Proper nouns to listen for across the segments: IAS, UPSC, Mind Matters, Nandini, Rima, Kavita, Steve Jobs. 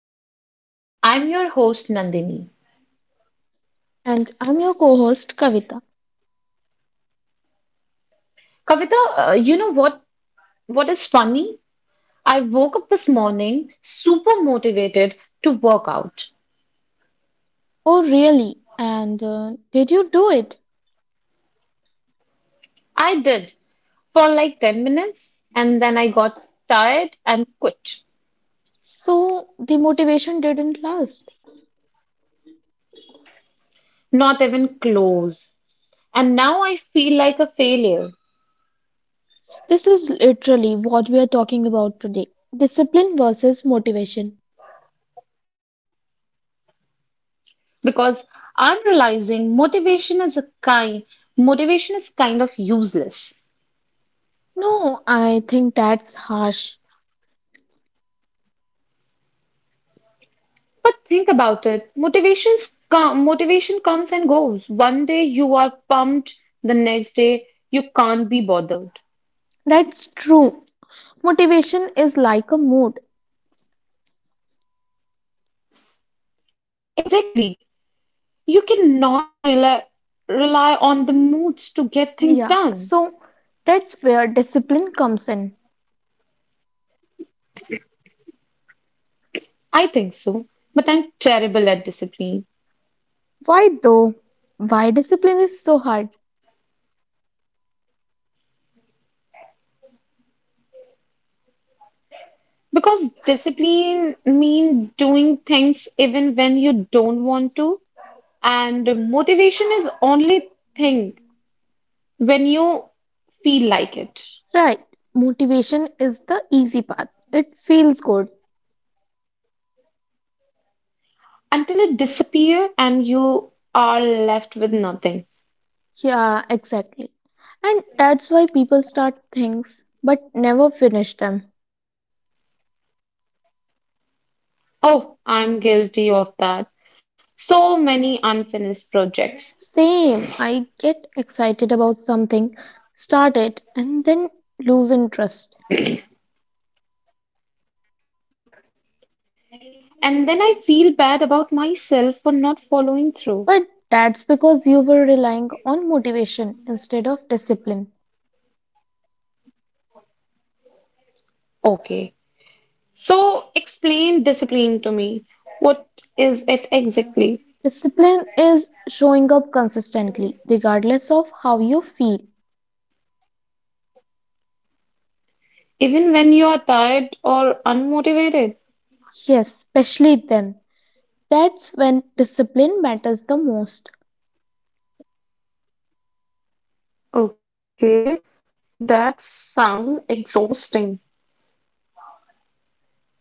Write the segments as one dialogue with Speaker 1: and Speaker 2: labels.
Speaker 1: Mind Matters. I'm your host, Nandini.
Speaker 2: And I'm your co host, Kavita.
Speaker 1: Kavita, you know what? What is funny? I woke up this morning super motivated to work out.
Speaker 2: Oh, really? And did you do it?
Speaker 1: I did for like 10 minutes, and then I got tired and quit.
Speaker 2: So the motivation didn't last.
Speaker 1: Not even close. And now I feel like a failure
Speaker 2: This is literally what we are talking about today, discipline versus motivation.
Speaker 1: because I'm realizing motivation is kind of useless.
Speaker 2: No, I think that's harsh.
Speaker 1: But think about it. Motivation comes and goes. One day you are pumped, the next day you can't be bothered.
Speaker 2: That's true. Motivation is like a mood.
Speaker 1: Exactly. You cannot rely on the moods to get things done.
Speaker 2: Yeah, so that's where discipline comes in.
Speaker 1: I think so. But I'm terrible at discipline.
Speaker 2: Why though? Why discipline is so hard?
Speaker 1: Because discipline means doing things even when you don't want to. And motivation is only thing when you feel like it.
Speaker 2: Right, motivation is the easy path. It feels good.
Speaker 1: Until it disappears and you are left with nothing.
Speaker 2: Yeah, exactly. And that's why people start things but never finish them.
Speaker 1: Oh, I'm guilty of that. So many unfinished projects.
Speaker 2: Same, I get excited about something, start it, and then lose interest.
Speaker 1: And then I feel bad about myself for not following through.
Speaker 2: But that's because you were relying on motivation instead of discipline.
Speaker 1: Okay, so explain discipline to me. What is it exactly?
Speaker 2: Discipline is showing up consistently, regardless of how you feel.
Speaker 1: Even when you are tired or unmotivated?
Speaker 2: Yes, especially then. That's when discipline matters the most.
Speaker 1: Okay, that sounds exhausting.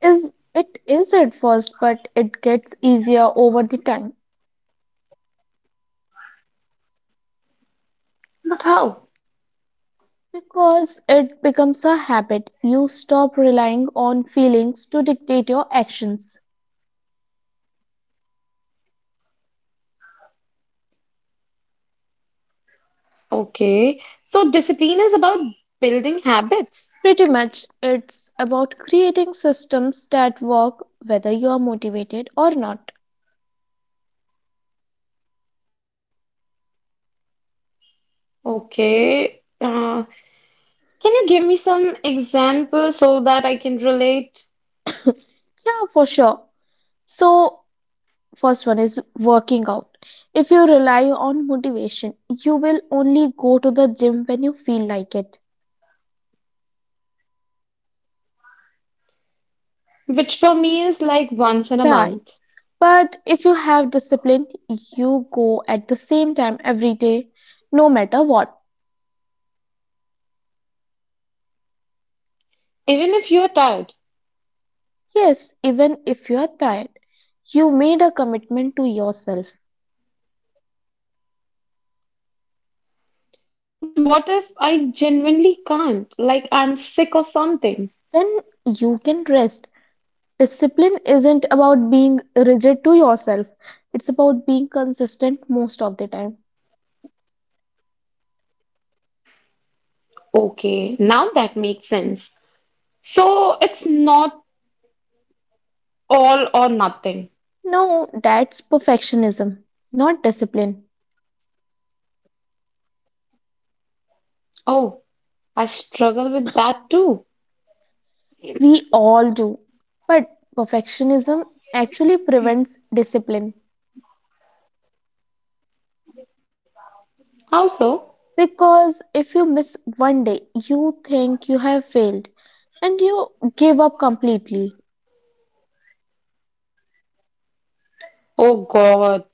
Speaker 2: Is it is at first, but it gets easier over the time.
Speaker 1: But how?
Speaker 2: Because it becomes a habit, you stop relying on feelings to dictate your actions.
Speaker 1: Okay, so discipline is about building habits.
Speaker 2: Pretty much, it's about creating systems that work whether you are motivated or not.
Speaker 1: Okay. Can you give me some examples so that I can relate?
Speaker 2: Yeah, for sure. So first one is working out. If you rely on motivation, you will only go to the gym when you feel like it.
Speaker 1: Which for me is like once in a
Speaker 2: Right.
Speaker 1: month,
Speaker 2: But if you have discipline, you go at the same time every day, no matter what.
Speaker 1: even if you're tired.
Speaker 2: Yes, even if you are tired, you made a commitment to yourself.
Speaker 1: But what if I genuinely can't? Like I'm sick or something.
Speaker 2: Then you can rest. Discipline isn't about being rigid to yourself, it's about being consistent most of the time.
Speaker 1: Okay, now that makes sense. So it's not all or nothing.
Speaker 2: No, that's perfectionism, not discipline.
Speaker 1: Oh, I struggle with that too.
Speaker 2: We all do. But perfectionism actually prevents discipline.
Speaker 1: How so?
Speaker 2: Because if you miss one day, you think you have failed and you give up completely.
Speaker 1: Oh God,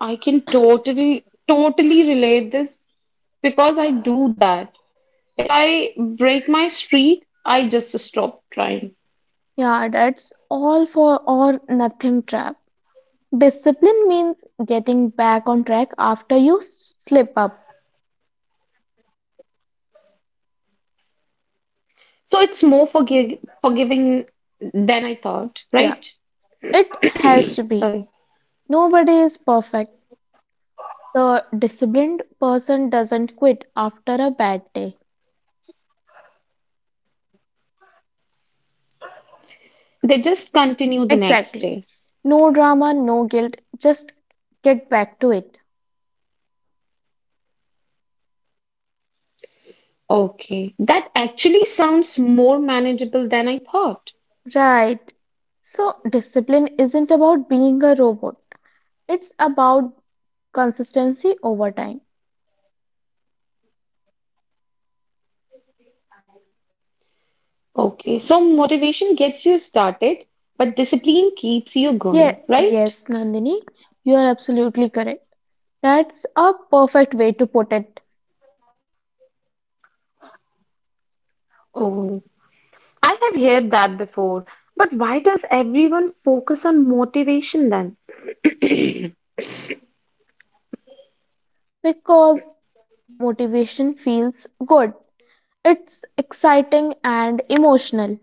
Speaker 1: I can totally, totally relate this because I do that. If I break my streak, I just stop trying.
Speaker 2: Yeah, that's all for or nothing trap. Discipline means getting back on track after you slip up.
Speaker 1: So it's more forgiving than I thought,
Speaker 2: Yeah,
Speaker 1: right?
Speaker 2: it has to be.
Speaker 1: Sorry.
Speaker 2: Nobody is perfect. The disciplined person doesn't quit after a bad day.
Speaker 1: They just continue the
Speaker 2: Exactly.
Speaker 1: next day.
Speaker 2: No drama, no guilt, just get back to it.
Speaker 1: Okay. That actually sounds more manageable than I thought.
Speaker 2: Right. So, discipline isn't about being a robot. It's about consistency over time.
Speaker 1: Okay. So motivation gets you started, but discipline keeps you
Speaker 2: Yeah,
Speaker 1: going, right?
Speaker 2: yes, Nandini, you are absolutely correct. That's a perfect way to put it.
Speaker 1: Oh, I have heard that before, but why does everyone focus on motivation then?
Speaker 2: Because motivation feels good. It's exciting and emotional.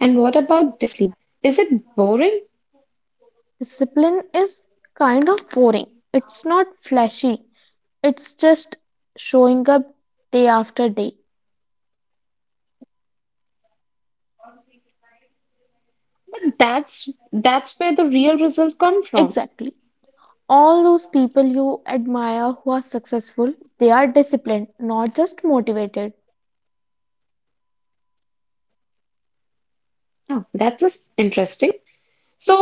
Speaker 1: And what about discipline? Is it boring?
Speaker 2: Discipline is kind of boring. It's not flashy. It's just showing up day after day.
Speaker 1: But that's where the real results come from.
Speaker 2: Exactly. All those people you admire who are successful, they are disciplined, not just motivated.
Speaker 1: Oh, that's just interesting.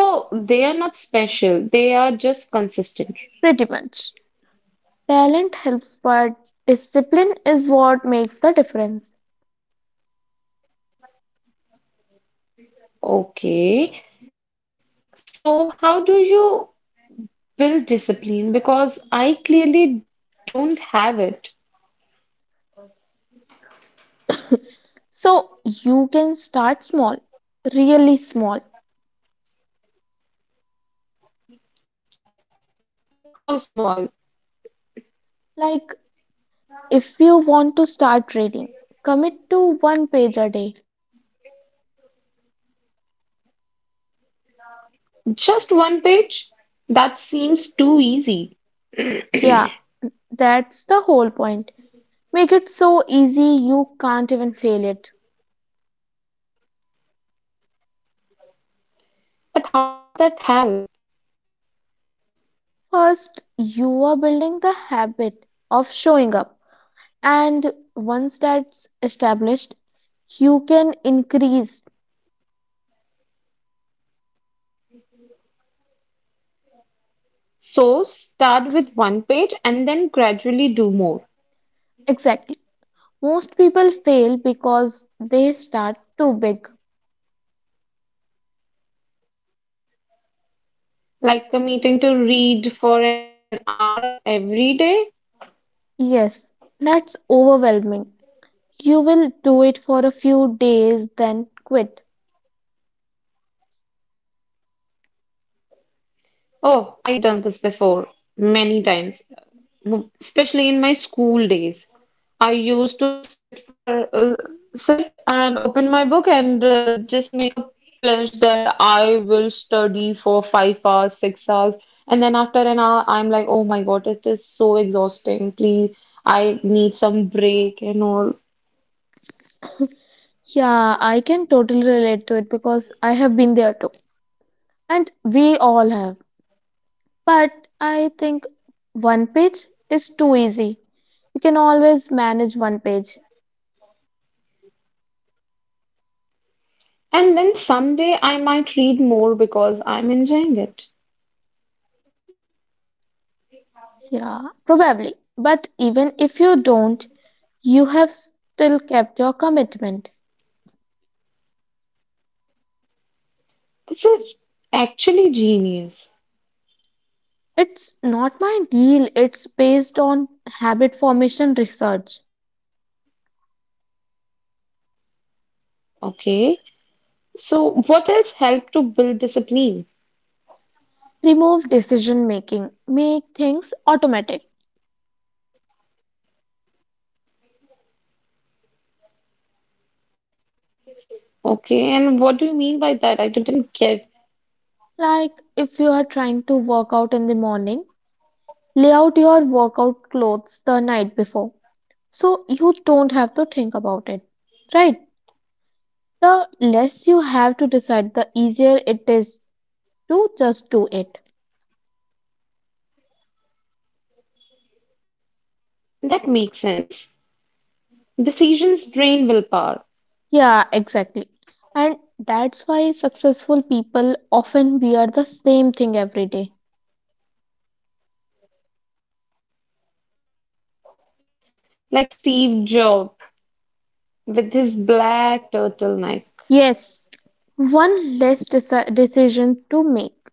Speaker 1: So they are not special, they are just consistent.
Speaker 2: Pretty much. Talent helps, but discipline is what makes the difference.
Speaker 1: Okay. So how do you build discipline? Because I clearly don't have it.
Speaker 2: So you can start small, really small.
Speaker 1: How small?
Speaker 2: Like if you want to start reading, commit to one page a day.
Speaker 1: Just one page? That seems too easy.
Speaker 2: Yeah, that's the whole point. Make it so easy you can't even fail it.
Speaker 1: But how does that help?
Speaker 2: First, you are building the habit of showing up. And once that's established, you can increase.
Speaker 1: So start with one page and then gradually do more.
Speaker 2: Exactly. Most people fail because they start too big.
Speaker 1: Like committing to read for an hour every day.
Speaker 2: Yes, that's overwhelming. You will do it for a few days, then quit.
Speaker 1: Oh, I have done this before many times. Especially in my school days. I used to sit for sit and open my book and just make a pledge that I will study for 5 hours, 6 hours, and then after an hour, I'm like, oh my God, it is so exhausting. Please, I need some break and all.
Speaker 2: Yeah, I can totally relate to it, because I have been there too. And we all have. But I think one page is too easy. You can always manage one page.
Speaker 1: And then someday I might read more because I'm enjoying it.
Speaker 2: Yeah, probably. But even if you don't, you have still kept your commitment.
Speaker 1: This is actually genius.
Speaker 2: It's not my deal. It's based on habit formation research.
Speaker 1: Okay. So, what else helped to build discipline?
Speaker 2: Remove decision making. Make things automatic.
Speaker 1: Okay, and what do you mean by that? I didn't get.
Speaker 2: Like if you are trying to work out in the morning, lay out your workout clothes the night before, so you don't have to think about it. Right? The less you have to decide, the easier it is to just do it.
Speaker 1: That makes sense. Decisions drain willpower,
Speaker 2: Yeah, exactly. And that's why successful people often wear the same thing every day.
Speaker 1: like Steve Jobs with his black turtleneck.
Speaker 2: Yes, one less decision to make.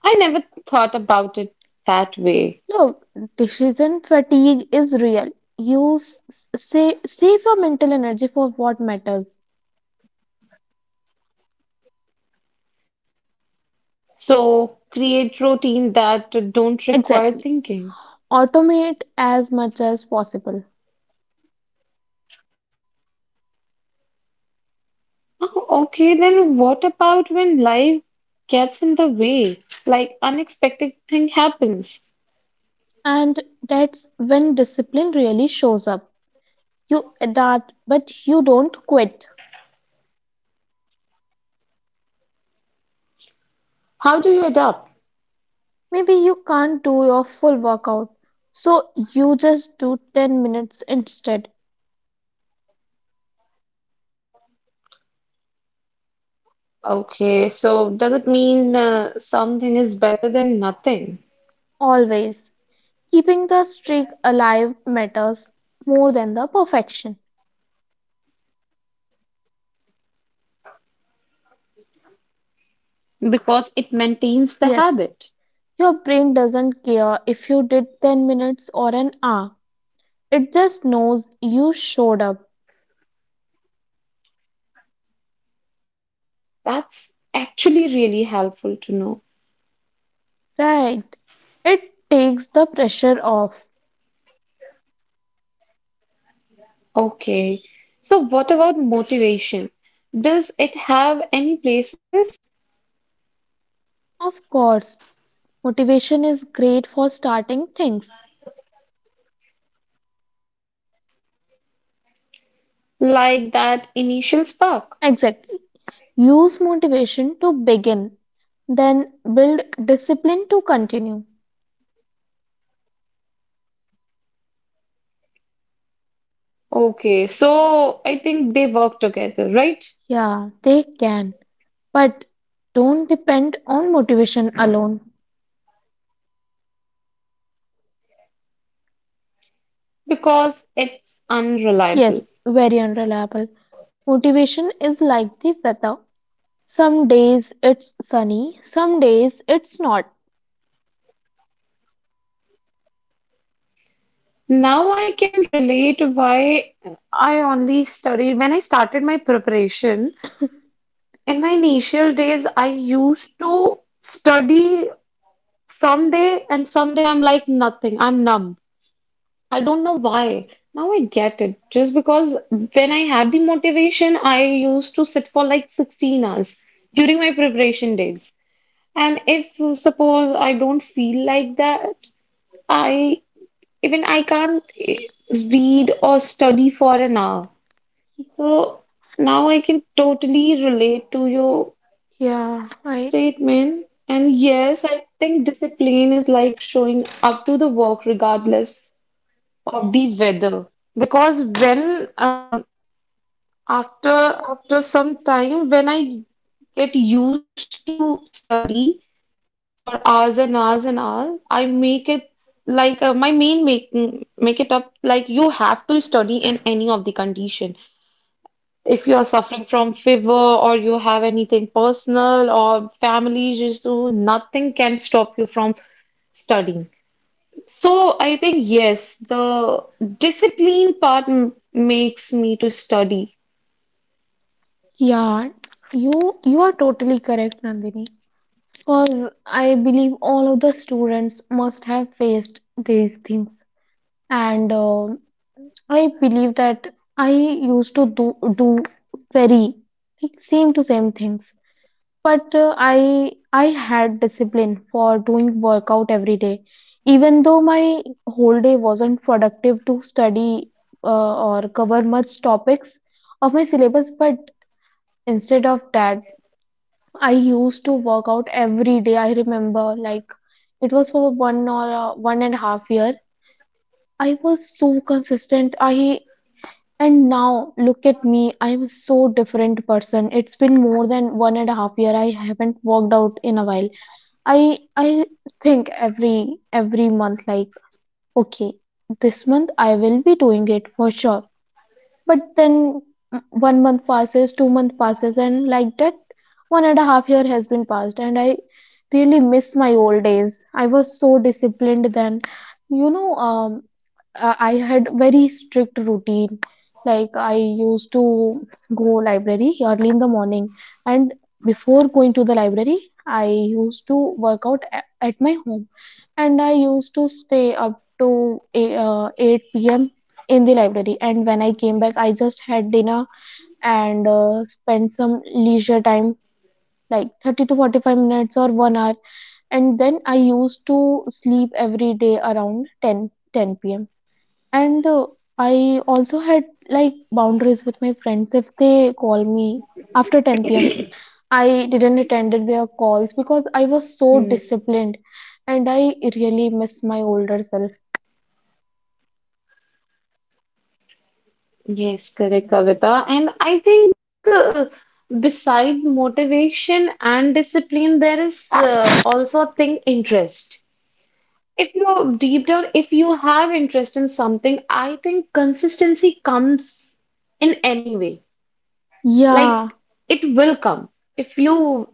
Speaker 1: I never thought about it that way.
Speaker 2: Look, decision fatigue is real. You s- s- say, Save your mental energy for what matters.
Speaker 1: So create routine that don't require
Speaker 2: Exactly.
Speaker 1: thinking.
Speaker 2: Automate as much as possible.
Speaker 1: Oh, okay, then what about when life gets in the way, like unexpected thing happens?
Speaker 2: And that's when discipline really shows up. You adapt, but you don't quit.
Speaker 1: How do you adapt?
Speaker 2: Maybe you can't do your full workout, so you just do 10 minutes instead,
Speaker 1: Okay, so does it mean something is better than nothing
Speaker 2: always. Keeping the streak alive matters more than the perfection.
Speaker 1: because it maintains the
Speaker 2: Yes,
Speaker 1: habit?
Speaker 2: your brain doesn't care if you did 10 minutes or an hour, it just knows you showed up,
Speaker 1: That's actually really helpful to know.
Speaker 2: right? It takes the pressure off.
Speaker 1: Okay, so what about motivation? Does it have any places
Speaker 2: Of course, motivation is great for starting things.
Speaker 1: like that initial spark?
Speaker 2: Exactly. Use motivation to begin, then build discipline to continue.
Speaker 1: Okay, so I think they work together, right?
Speaker 2: Yeah, they can, but don't depend on motivation alone.
Speaker 1: Because it's
Speaker 2: Yes,
Speaker 1: unreliable.
Speaker 2: very unreliable. Motivation is like the weather. Some days it's sunny, some days it's not.
Speaker 1: Now I can relate why I only studied when I started my preparation. In my initial days, I used to study some day and some day I'm like nothing. I'm numb. I don't know why. Now I get it. Just because when I had the motivation, I used to sit for like 16 hours during my preparation days. And if suppose I don't feel like that, I even I can't read or study for an hour. So now I can totally relate to you
Speaker 2: Yeah, I
Speaker 1: statement. And yes, I think discipline is like showing up to the work regardless of the weather. Because when after some time when I get used to study for hours and hours and hours, I make it like my main make it up like you have to study in any of the condition if you are suffering from fever or you have anything personal or family issue, nothing can stop you from studying. So I think yes, the discipline part makes me to study.
Speaker 2: yeah, you are totally correct, Nandini. Because I believe all of the students must have faced these things. And I believe that I used to do very like same to same things, but I had discipline for doing workout every day, even though my whole day wasn't productive to study, or cover much topics of my syllabus. But instead of that, I used to work out every day. I remember, like, it was for one or 1.5 year. I was so consistent. I And now look at me, I'm so different person. It's been more than 1.5 year. I haven't worked out in a while. I think every month, like, okay, this month I will be doing it for sure. But then one month passes, 2 month passes, and like that, 1.5 year has been passed, and I really miss my old days. I was so disciplined then. You know, I had very strict routine. Like I used to go library early in the morning, and before going to the library, I used to work out at my home, and I used to stay up to 8 p.m. in the library. And when I came back, I just had dinner and spent some leisure time, like 30 to 45 minutes or one hour. And then I used to sleep every day around ten p.m. And I also had like boundaries with my friends. If they call me after 10 p.m., I didn't attend their calls, because I was so
Speaker 1: Hmm.
Speaker 2: disciplined and I really miss my older self.
Speaker 1: Yes, correct, Kavita. And I think beside motivation and discipline, there is also a thing interest. If you deep down, if you have interest in something, I think consistency comes in any way. Like
Speaker 2: Yeah,
Speaker 1: it will come. If you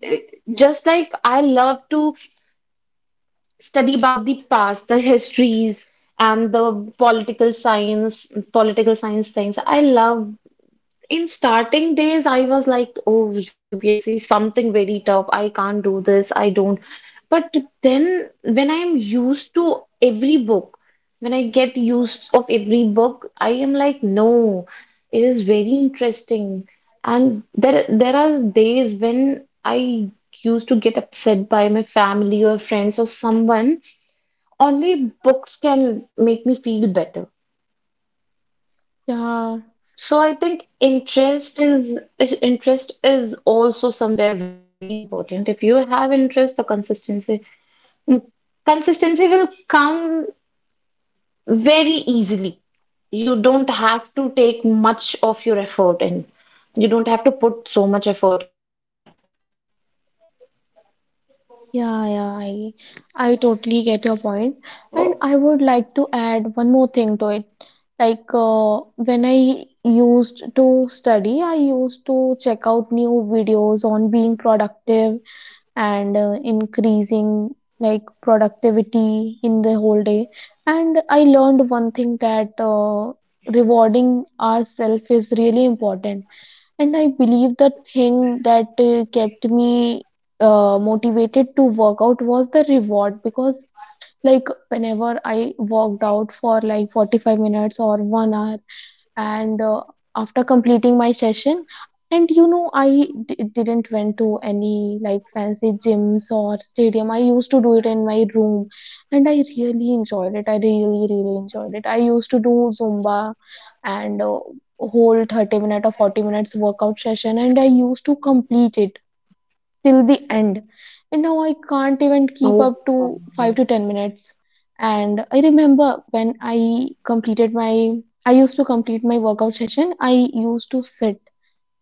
Speaker 1: just like I love to study about the past, the histories and political science things. I love in starting days, I was like, oh, UPSC, something very tough. I can't do this. I don't. But then when I get used of every book, I am like, no, it is very interesting. And there are days when I used to get upset by my family or friends or someone. Only books can make me feel better.
Speaker 2: yeah.
Speaker 1: So I think interest is also somewhere very important. If you have interest, the consistency mm, consistency will come very easily. You don't have to take much of your effort in. You don't have to put so much effort in that.
Speaker 2: Yeah, yeah, I totally get your point. And I would like to add one more thing to it. Like when I used to study, I used to check out new videos on being productive and increasing like productivity in the whole day. And I learned one thing, that rewarding ourselves is really important. And I believe the thing that kept me motivated to work out was the reward. Because, like, whenever I worked out for like 45 minutes or one hour, and after completing my session. And you know, I didn't went to any like fancy gyms or stadium. I used to do it in my room, and I really enjoyed it. I really really enjoyed it. I used to do zumba and whole 30 minute or 40 minutes workout session, and I used to complete it till the end. And now I can't even keep
Speaker 1: Oh,
Speaker 2: up to 5
Speaker 1: oh,
Speaker 2: to 10 minutes. And I remember when I completed my I used to complete my workout session. I used to sit,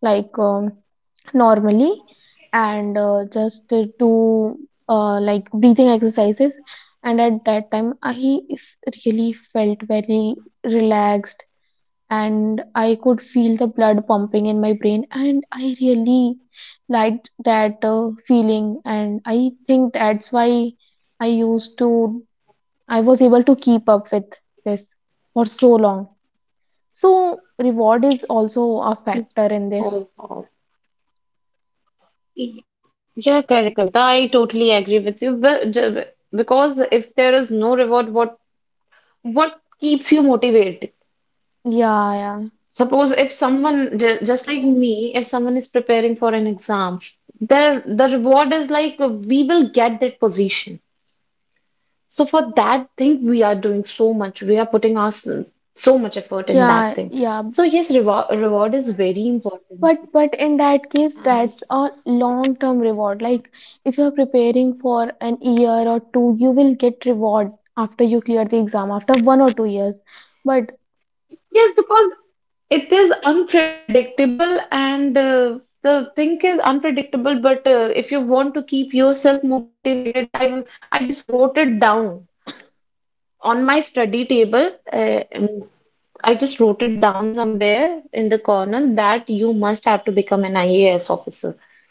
Speaker 2: like, normally, and just do like breathing exercises. And at that time I really felt very relaxed, and I could feel the blood pumping in my brain, and I really liked that feeling. And I think that's why I used to, I was able to keep up with this for so long. So, reward is also a factor in this.
Speaker 1: oh, oh. Yeah, correct, Kavita. I totally agree with you. But because if there is no reward, what keeps you motivated?
Speaker 2: Yeah, yeah,
Speaker 1: Suppose if someone, just like me, if someone is preparing for an exam, the reward is like we will get that position. So for that thing, we are doing so much. We are putting so much effort in that
Speaker 2: yeah,
Speaker 1: thing.
Speaker 2: yeah.
Speaker 1: So yes, reward is very important.
Speaker 2: But in that case,
Speaker 1: And
Speaker 2: that's a long-term reward. Like if you're preparing for an year or two, you will get reward after you clear the exam after one or two years. But
Speaker 1: yes, because it is unpredictable, and the thing is unpredictable. But if you want to keep yourself motivated, I just wrote it down on my study table. I just wrote it down somewhere in the corner that you must have to become an IAS officer.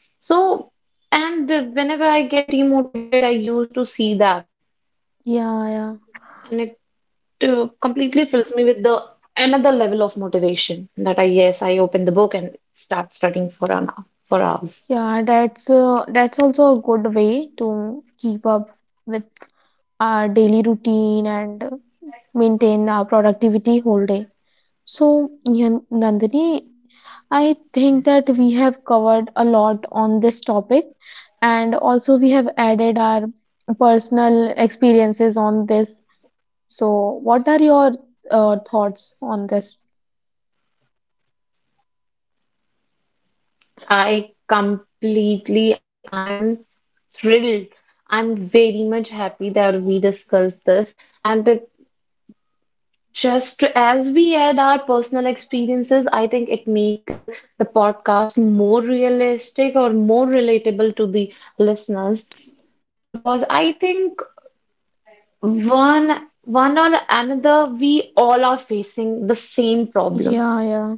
Speaker 1: So, and whenever I get demotivated, I used to see that,
Speaker 2: yeah, yeah,
Speaker 1: and it completely fills me with the another level of motivation that I, yes, I open the book and start studying for an hour, for hours.
Speaker 2: yeah. That's also a good way to keep up with our daily routine and maintain our productivity whole day. So, Nandini, I think that we have covered a lot on this topic, and also we have added our personal experiences on this. So, what are your thoughts on this?
Speaker 1: I'm thrilled. I'm very much happy that we discussed this, and it just as we add our personal experiences, I think it make the podcast more realistic or more relatable to the listeners because I think one or another we all are facing the same problem.
Speaker 2: Yeah, yeah,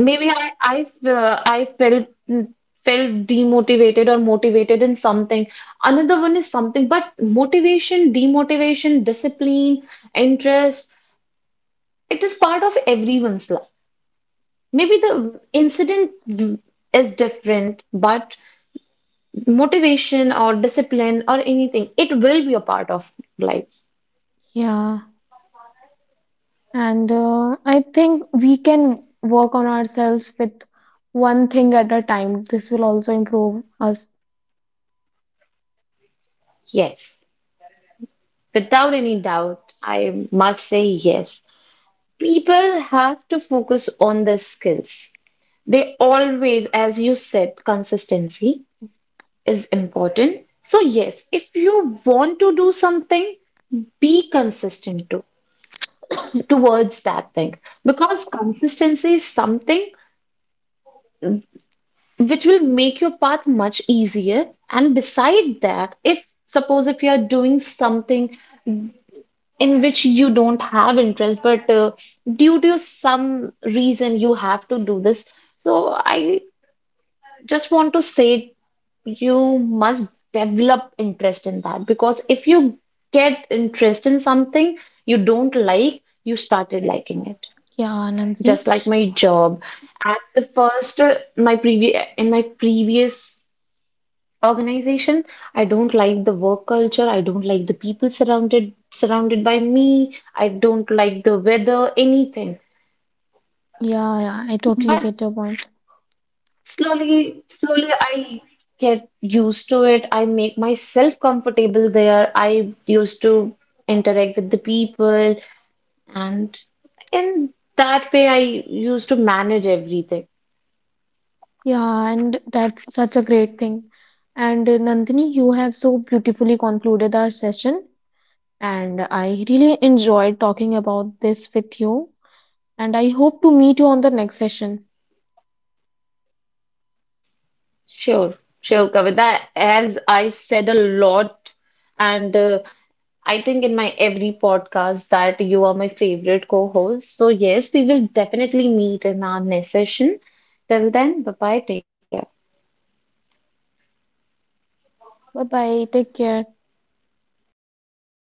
Speaker 1: Maybe I felt demotivated or motivated in something. Another one is something, but motivation, demotivation, discipline, interest, it is part of everyone's life. Maybe the incident is different, but motivation or discipline or anything, it will be a part of life.
Speaker 2: yeah. And I think we can work on ourselves with one thing at a time. This will also improve us.
Speaker 1: Yes. Without any doubt, I must say yes. People have to focus on their skills. They always, as you said, consistency is important. So, yes, if you want to do something, be consistent to, towards that thing because consistency is something which will make your path much easier. And beside that, if suppose if you are doing something in which you don't have interest, but due to some reason you have to do this, so I just want to say you must develop interest in that because if you get interest in something you don't like, you started liking it.
Speaker 2: Yeah, Nandini.
Speaker 1: Just like my job, at the first my previous in my previous organization. I don't like the work culture. I don't like the people surrounded by me. I don't like the weather, anything.
Speaker 2: Yeah, yeah,
Speaker 1: But
Speaker 2: I totally get your point.
Speaker 1: slowly, slowly I get used to it. I make myself comfortable there. I used to interact with the people and in that way I used to manage everything.
Speaker 2: Yeah, and that's such a great thing. And Nandini, you have so beautifully concluded our session, and I really enjoyed talking about this with you. And I hope to meet you on the next session.
Speaker 1: Sure, sure, Kavita. As I said a lot and I think in my every podcast that you are my favorite co-host. So yes, we will definitely meet in our next session. Till then, bye-bye, take care.
Speaker 2: Bye bye, take care.